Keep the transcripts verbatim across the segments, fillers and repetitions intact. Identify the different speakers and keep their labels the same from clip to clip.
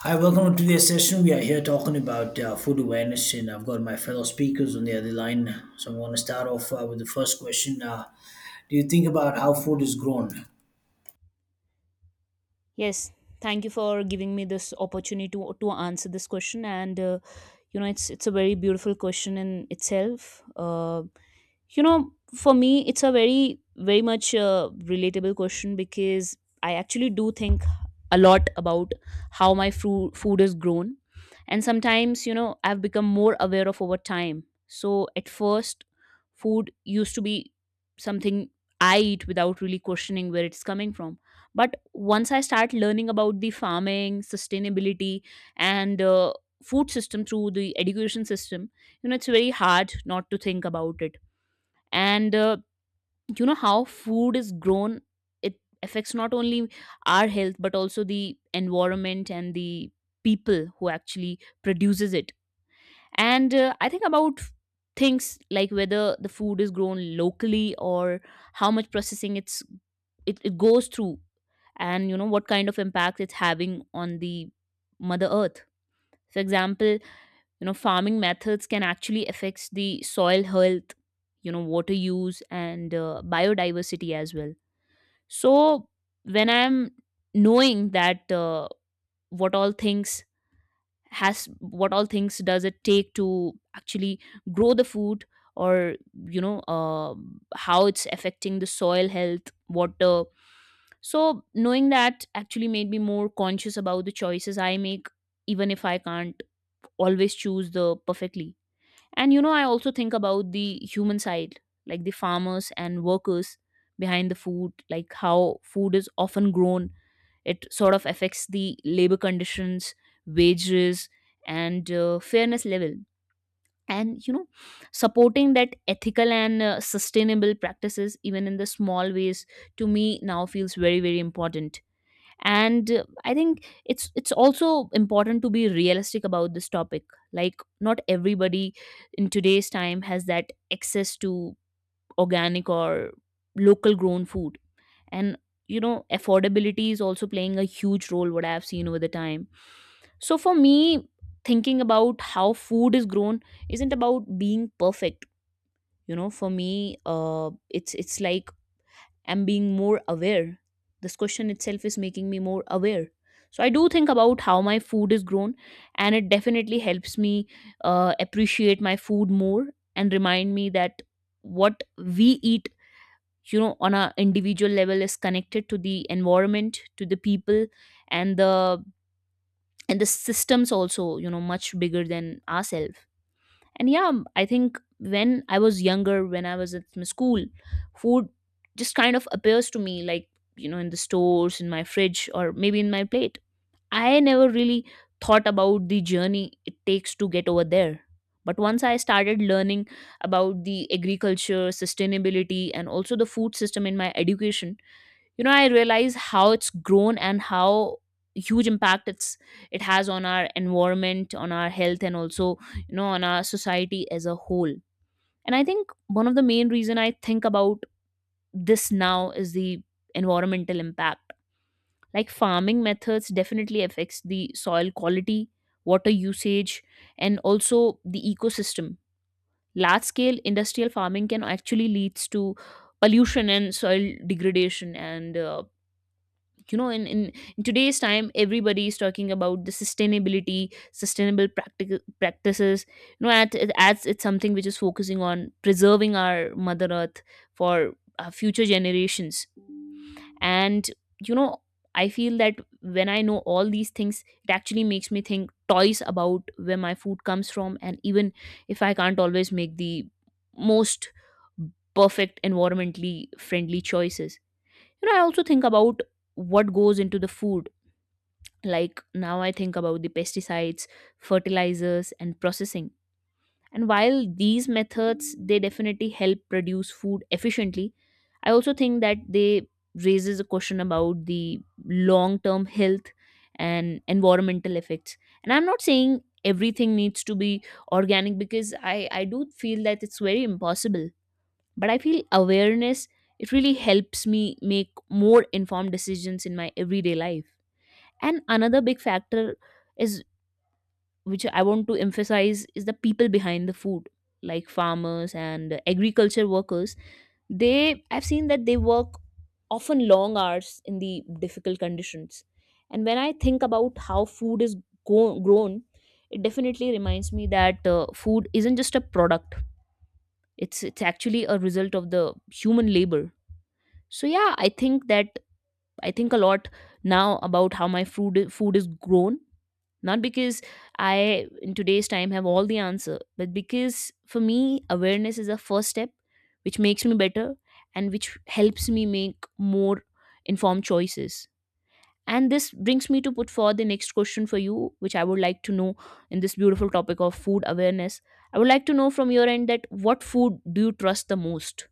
Speaker 1: Hi, welcome to today's session. We are here talking about uh, food awareness, and I've got my fellow speakers on the other line. So I'm going to start off uh, with the first question. Uh, do you think about how food is grown?
Speaker 2: Yes, thank you for giving me this opportunity to, to answer this question. And uh, you know, it's it's a very beautiful question in itself. Uh, You know, for me, it's a very, very much uh, relatable question because I actually do think a lot about how my fru- food is grown. And sometimes, you know, I've become more aware of over time. So at first, food used to be something I eat without really questioning where it's coming from. But once I start learning about the farming, sustainability, and uh, food system through the education system, you know, it's very hard not to think about it and uh, you know how food is grown it affects not only our health but also the environment and the people who actually produces it and uh, I think about things like whether the food is grown locally or how much processing it's it, it goes through, and you know what kind of impact it's having on the mother earth. For example, you know, farming methods can actually affect the soil health, you know, water use, and uh, biodiversity as well. So when I'm knowing that, uh, what all things has what all things does it take to actually grow the food, or you know, uh, how it's affecting the soil health, water. So knowing that actually made me more conscious about the choices I make, even if I can't always choose the perfectly. And you know, I also think about the human side, like the farmers and workers behind the food, like how food is often grown. It sort of affects the labor conditions, wages, and uh, fairness level. And you know, supporting that ethical and uh, sustainable practices, even in the small ways, to me now feels very, very important. And uh, i think it's it's also important to be realistic about this topic, like not everybody in today's time has that access to organic or local grown food. And you know, affordability is also playing a huge role, what I've seen over the time. So for me, thinking about how food is grown isn't about being perfect. You know for me uh it's it's like am being more aware. This question itself is making me more aware. So I do think about how my food is grown, and it definitely helps me uh, appreciate my food more and remind me that what we eat, you know, on a individual level is connected to the environment, to the people, and the and the systems also, you know, much bigger than ourselves. And yeah, um, I think when I was younger, when I was at my school, food just kind of appears to me like, you know, in the stores, in my fridge, or maybe in my plate. I never really thought about the journey it takes to get over there. But once I started learning about the agriculture, sustainability, and also the food system in my education, you know, I realize how it's grown and how huge impact it's it has on our environment, on our health, and also you know on our society as a whole. And I think one of the main reason I think about this now is the environmental impact. Like farming methods definitely affects the soil quality, water usage, and also the ecosystem. Large scale industrial farming can actually leads to pollution and soil degradation. And uh, you know in, in in today's time, everybody is talking about the sustainability, sustainable practical practices. You know at, it it's something which is focusing on preserving our mother earth for our future generations. And you know, I feel that when I know all these things, it actually makes me think twice about where my food comes from. And even if I can't always make the most perfect environmentally friendly choices, you know, I also think about what goes into the food. Like now I think about the pesticides, fertilizers, and processing. And while these methods they definitely help produce food efficiently, I also think that they raises a question about the long term health and environmental effects. And I'm not saying everything needs to be organic, because i i do feel that it's very impossible. But I feel awareness, it really helps me make more informed decisions in my everyday life. And another big factor is, which I want to emphasize, is the people behind the food, like farmers and agriculture workers. They, I've seen that they work often long hours in the difficult conditions. And when I think about how food is go- grown, it definitely reminds me that uh, food isn't just a product. It's it's actually a result of the human labor. So yeah, I think that I think a lot now about how my food food is grown, not because I in today's time have all the answer, but because for me awareness is a first step, which makes me better and which helps me make more informed choices. And this brings me to put forward the next question for you, which I would like to know. In this beautiful topic of food awareness, I would like to know from your end that what food do you trust the most.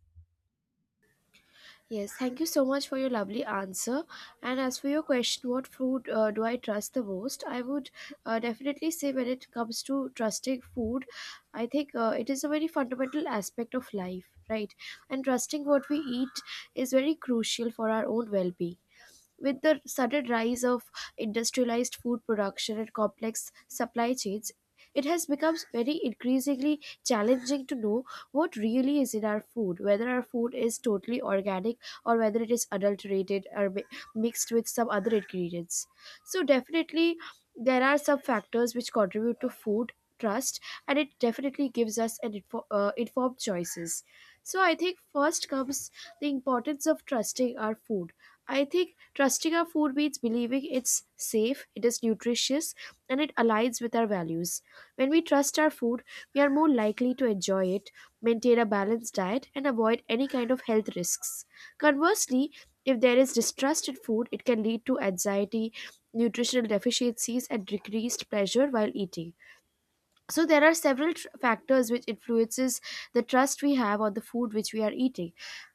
Speaker 3: Yes, thank you so much for your lovely answer. And as for your question, what food uh, do I trust the most? I would uh, definitely say when it comes to trusting food, I think uh, it is a very fundamental aspect of life, right? And trusting what we eat is very crucial for our own well being. With the sudden rise of industrialized food production and complex supply chains, it has become very increasingly challenging to know what really is in our food, whether our food is totally organic or whether it is adulterated or mi- mixed with some other ingredients. So, definitely, there are some factors which contribute to food trust, and it definitely gives us an info- uh, informed choices. So I think first comes the importance of trusting our food. I think trusting our food means believing it's safe, it is nutritious, and it aligns with our values. When we trust our food, we are more likely to enjoy it, maintain a balanced diet, and avoid any kind of health risks. Conversely, if there is distrust in food, it can lead to anxiety, nutritional deficiencies, and decreased pleasure while eating. So there are several tr- factors which influences the trust we have on the food which we are eating.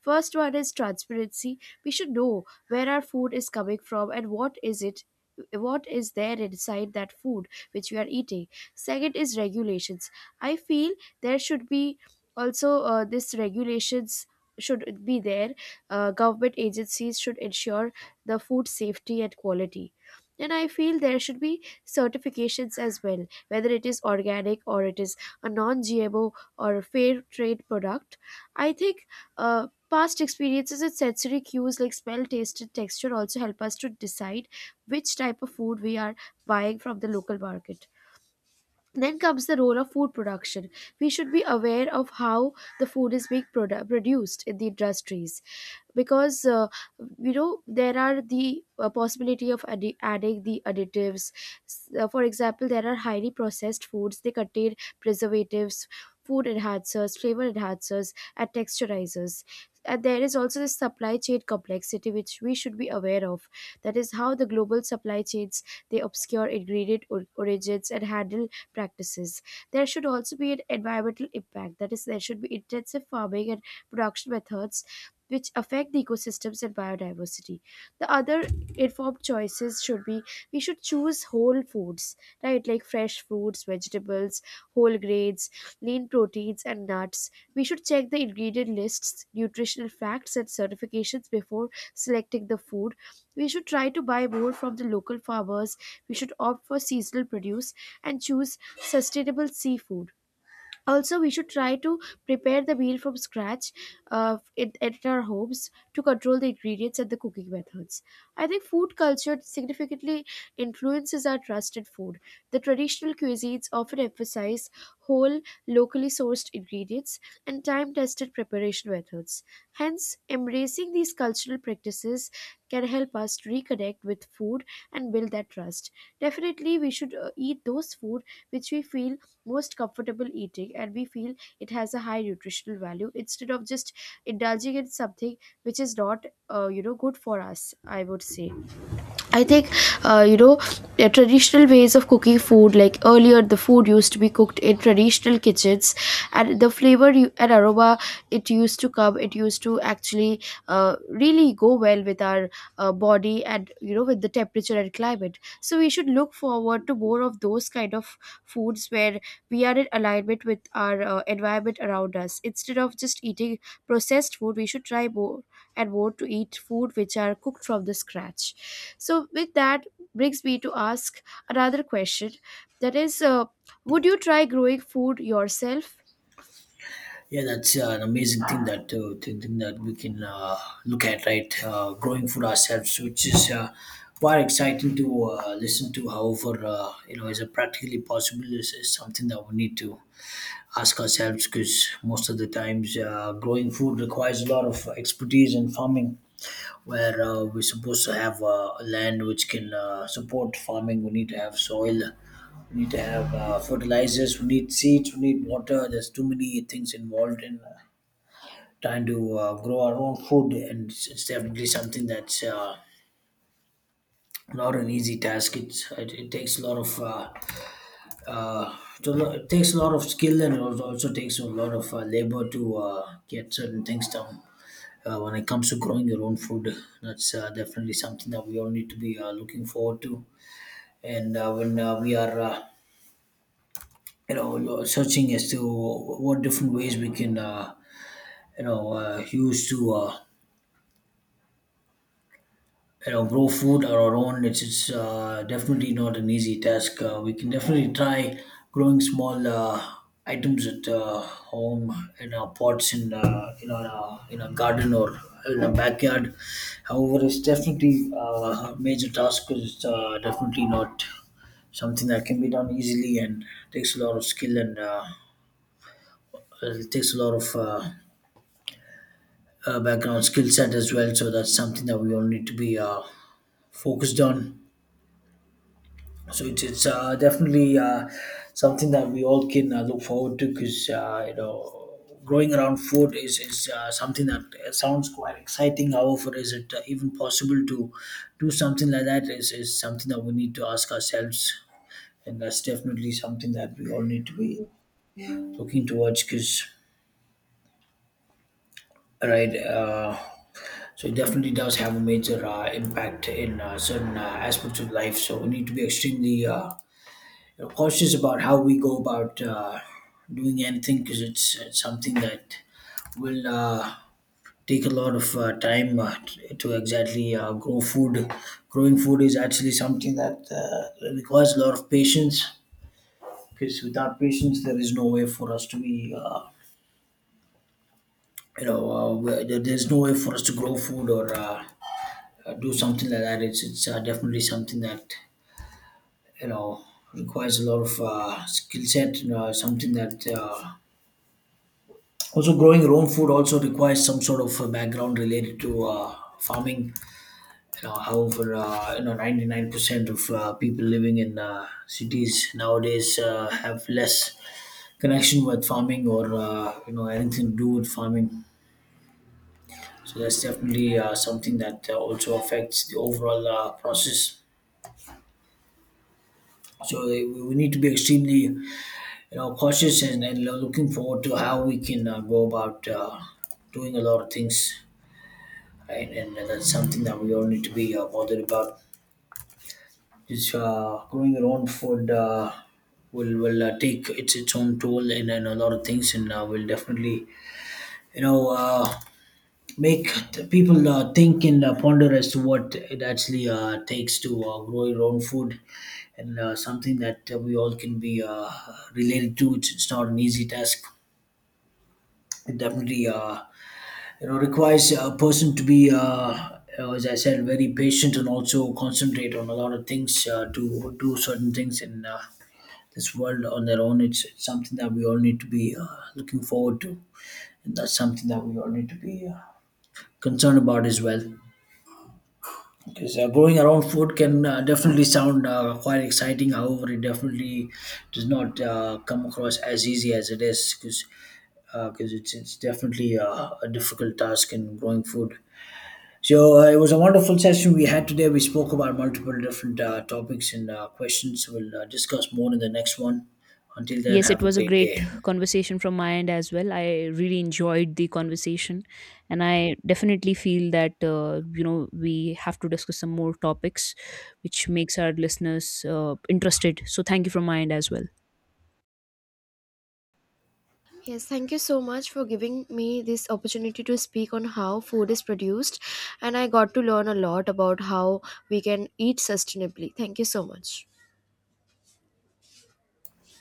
Speaker 3: First one is transparency. We should know where our food is coming from and what is it, what is there inside that food which we are eating. Second is regulations. I feel there should be also, uh, this regulations should be there. Uh, government agencies should ensure the food safety and quality. And I feel there should be certifications as well, whether it is organic or it is a non G M O or a fair trade product. I think, uh, past experiences and sensory cues like smell, taste and texture also help us to decide which type of food we are buying from the local market. Then comes the role of food production. We should be aware of how the food is being produ- produced in the industries, because uh, you know, there are the uh, possibility of addi- adding the additives. S- uh, for example, there are highly processed foods. They contain preservatives, food enhancers, flavor enhancers, and texturizers. And there is also the supply chain complexity which we should be aware of. That is how the global supply chains, they obscure ingredient or- origins and handle practices. There should also be an environmental impact, that is, there should be intensive farming and production methods which affect the ecosystems and biodiversity. The other informed choices should be, we should choose whole foods, right? Like fresh fruits, vegetables, whole grains, lean proteins, and nuts. We should check the ingredient lists, nutritional facts, and certifications before selecting the food. We should try to buy more from the local farmers. We should opt for seasonal produce and choose sustainable seafood. Also, we should try to prepare the meal from scratch, uh, in, at our homes to control the ingredients and the cooking methods. I think food culture significantly influences our trust in food. The traditional cuisines often emphasize whole, locally sourced ingredients and time tested preparation methods. Hence, embracing these cultural practices can help us to reconnect with food and build that trust. Definitely, we should uh, eat those food which we feel most comfortable eating and we feel it has a high nutritional value, instead of just indulging in something which is not, uh, you know, good for us, I would say. I think, uh, you know, the traditional ways of cooking food, like earlier, the food used to be cooked in traditional kitchens, and the flavor you, and aroma, it used to come, it used to actually uh, really go well with our uh, body and, you know, with the temperature and climate. So, we should look forward to more of those kind of foods where we are in alignment with our uh, environment around us. Instead of just eating processed food, we should try more and more to eat food which are cooked from the scratch. So, with that brings me to ask another question, that is, uh, would you try growing food yourself?
Speaker 1: Yeah, that's uh, an amazing thing that uh, thing, thing that we can uh, look at, right? Uh, growing food ourselves, which is uh, quite exciting to uh, listen to. However, uh, you know, is it practically possible? Is, is something that we need to ask ourselves because most of the times, uh, growing food requires a lot of expertise and farming where uh, we're supposed to have uh, land which can uh, support farming. We need to have soil. We need to have uh, fertilizers. We need seeds. We need water. There's too many things involved in uh, trying to uh, grow our own food, and it's, it's definitely something that's uh, not an easy task. It's, it, it takes a lot of uh, uh, to lo- it takes a lot of skill and it al- also takes a lot of uh, labor to uh, get certain things done uh, when it comes to growing your own food. That's uh, definitely something that we all need to be uh, looking forward to. And uh, when uh, we are uh, you know lo- searching as to what different ways we can uh, you know uh, use to uh, you know, grow food on our own. It's, it's uh, definitely not an easy task. Uh, we can definitely try growing small uh, items at uh, home, in our pots, in uh, you know in our, uh, in our garden or in our backyard. However, it's definitely uh, a major task because it's uh, definitely not something that can be done easily and takes a lot of skill, and uh, it takes a lot of uh, uh, background skill set as well. So that's something that we all need to be uh, focused on. So it's it's uh, definitely uh, something that we all can uh, look forward to because uh, you know, growing around food is is uh, something that uh, sounds quite exciting. However, is it uh, even possible to do something like that? Is is something that we need to ask ourselves, and that's definitely something that we all need to be looking towards because right. Uh, so it definitely does have a major uh, impact in uh, certain uh, aspects of life. So we need to be extremely uh, you know, cautious about how we go about uh, doing anything because it's, it's something that will uh, take a lot of uh, time uh, t- to exactly uh, grow food. Growing food is actually something that uh, requires a lot of patience because without patience, there is no way for us to be, uh, you know, uh, where- there- there's no way for us to grow food or uh, uh, do something like that. It's, it's uh, definitely something that, you know, requires a lot of uh, skill set, and, uh, something that uh, also, growing your own food also requires some sort of uh, background related to uh, farming. You know, however, uh, you know, ninety-nine percent of uh, people living in uh, cities nowadays uh, have less connection with farming or uh, you know, anything to do with farming. So that's definitely uh, something that uh, also affects the overall uh, process. So we we need to be extremely, you know, cautious, and, and looking forward to how we can uh, go about uh, doing a lot of things, right? And that's something that we all need to be uh, bothered about. Just uh, growing your own food uh, will will uh, take its its own toll in, in a lot of things, and uh, will definitely you know uh, make the people uh, think and uh, ponder as to what it actually uh, takes to uh, grow your own food. And uh, something that uh, we all can be uh, related to. It's, it's not an easy task. It definitely uh, you know, requires a person to be uh, uh, as I said, very patient and also concentrate on a lot of things uh, to do certain things in uh, this world on their own. It's, it's something that we all need to be uh, looking forward to, and that's something that we all need to be uh, concerned about as well, because uh, growing our own food can uh, definitely sound uh, quite exciting. However, it definitely does not uh, come across as easy as it is, because because it's, it's definitely uh, a difficult task in growing food. So uh, it was a wonderful session we had today. We spoke about multiple different uh, topics and uh, questions. We'll uh, discuss more in the next one. Until then,
Speaker 2: Yes, it
Speaker 1: have a
Speaker 2: was a
Speaker 1: great day.
Speaker 2: great conversation from my end as well. I really enjoyed the conversation, and I definitely feel that uh, you know, we have to discuss some more topics, which makes our listeners uh, interested. So, thank you from my end as well.
Speaker 3: Yes, thank you so much for giving me this opportunity to speak on how food is produced, and I got to learn a lot about how we can eat sustainably. Thank you so much.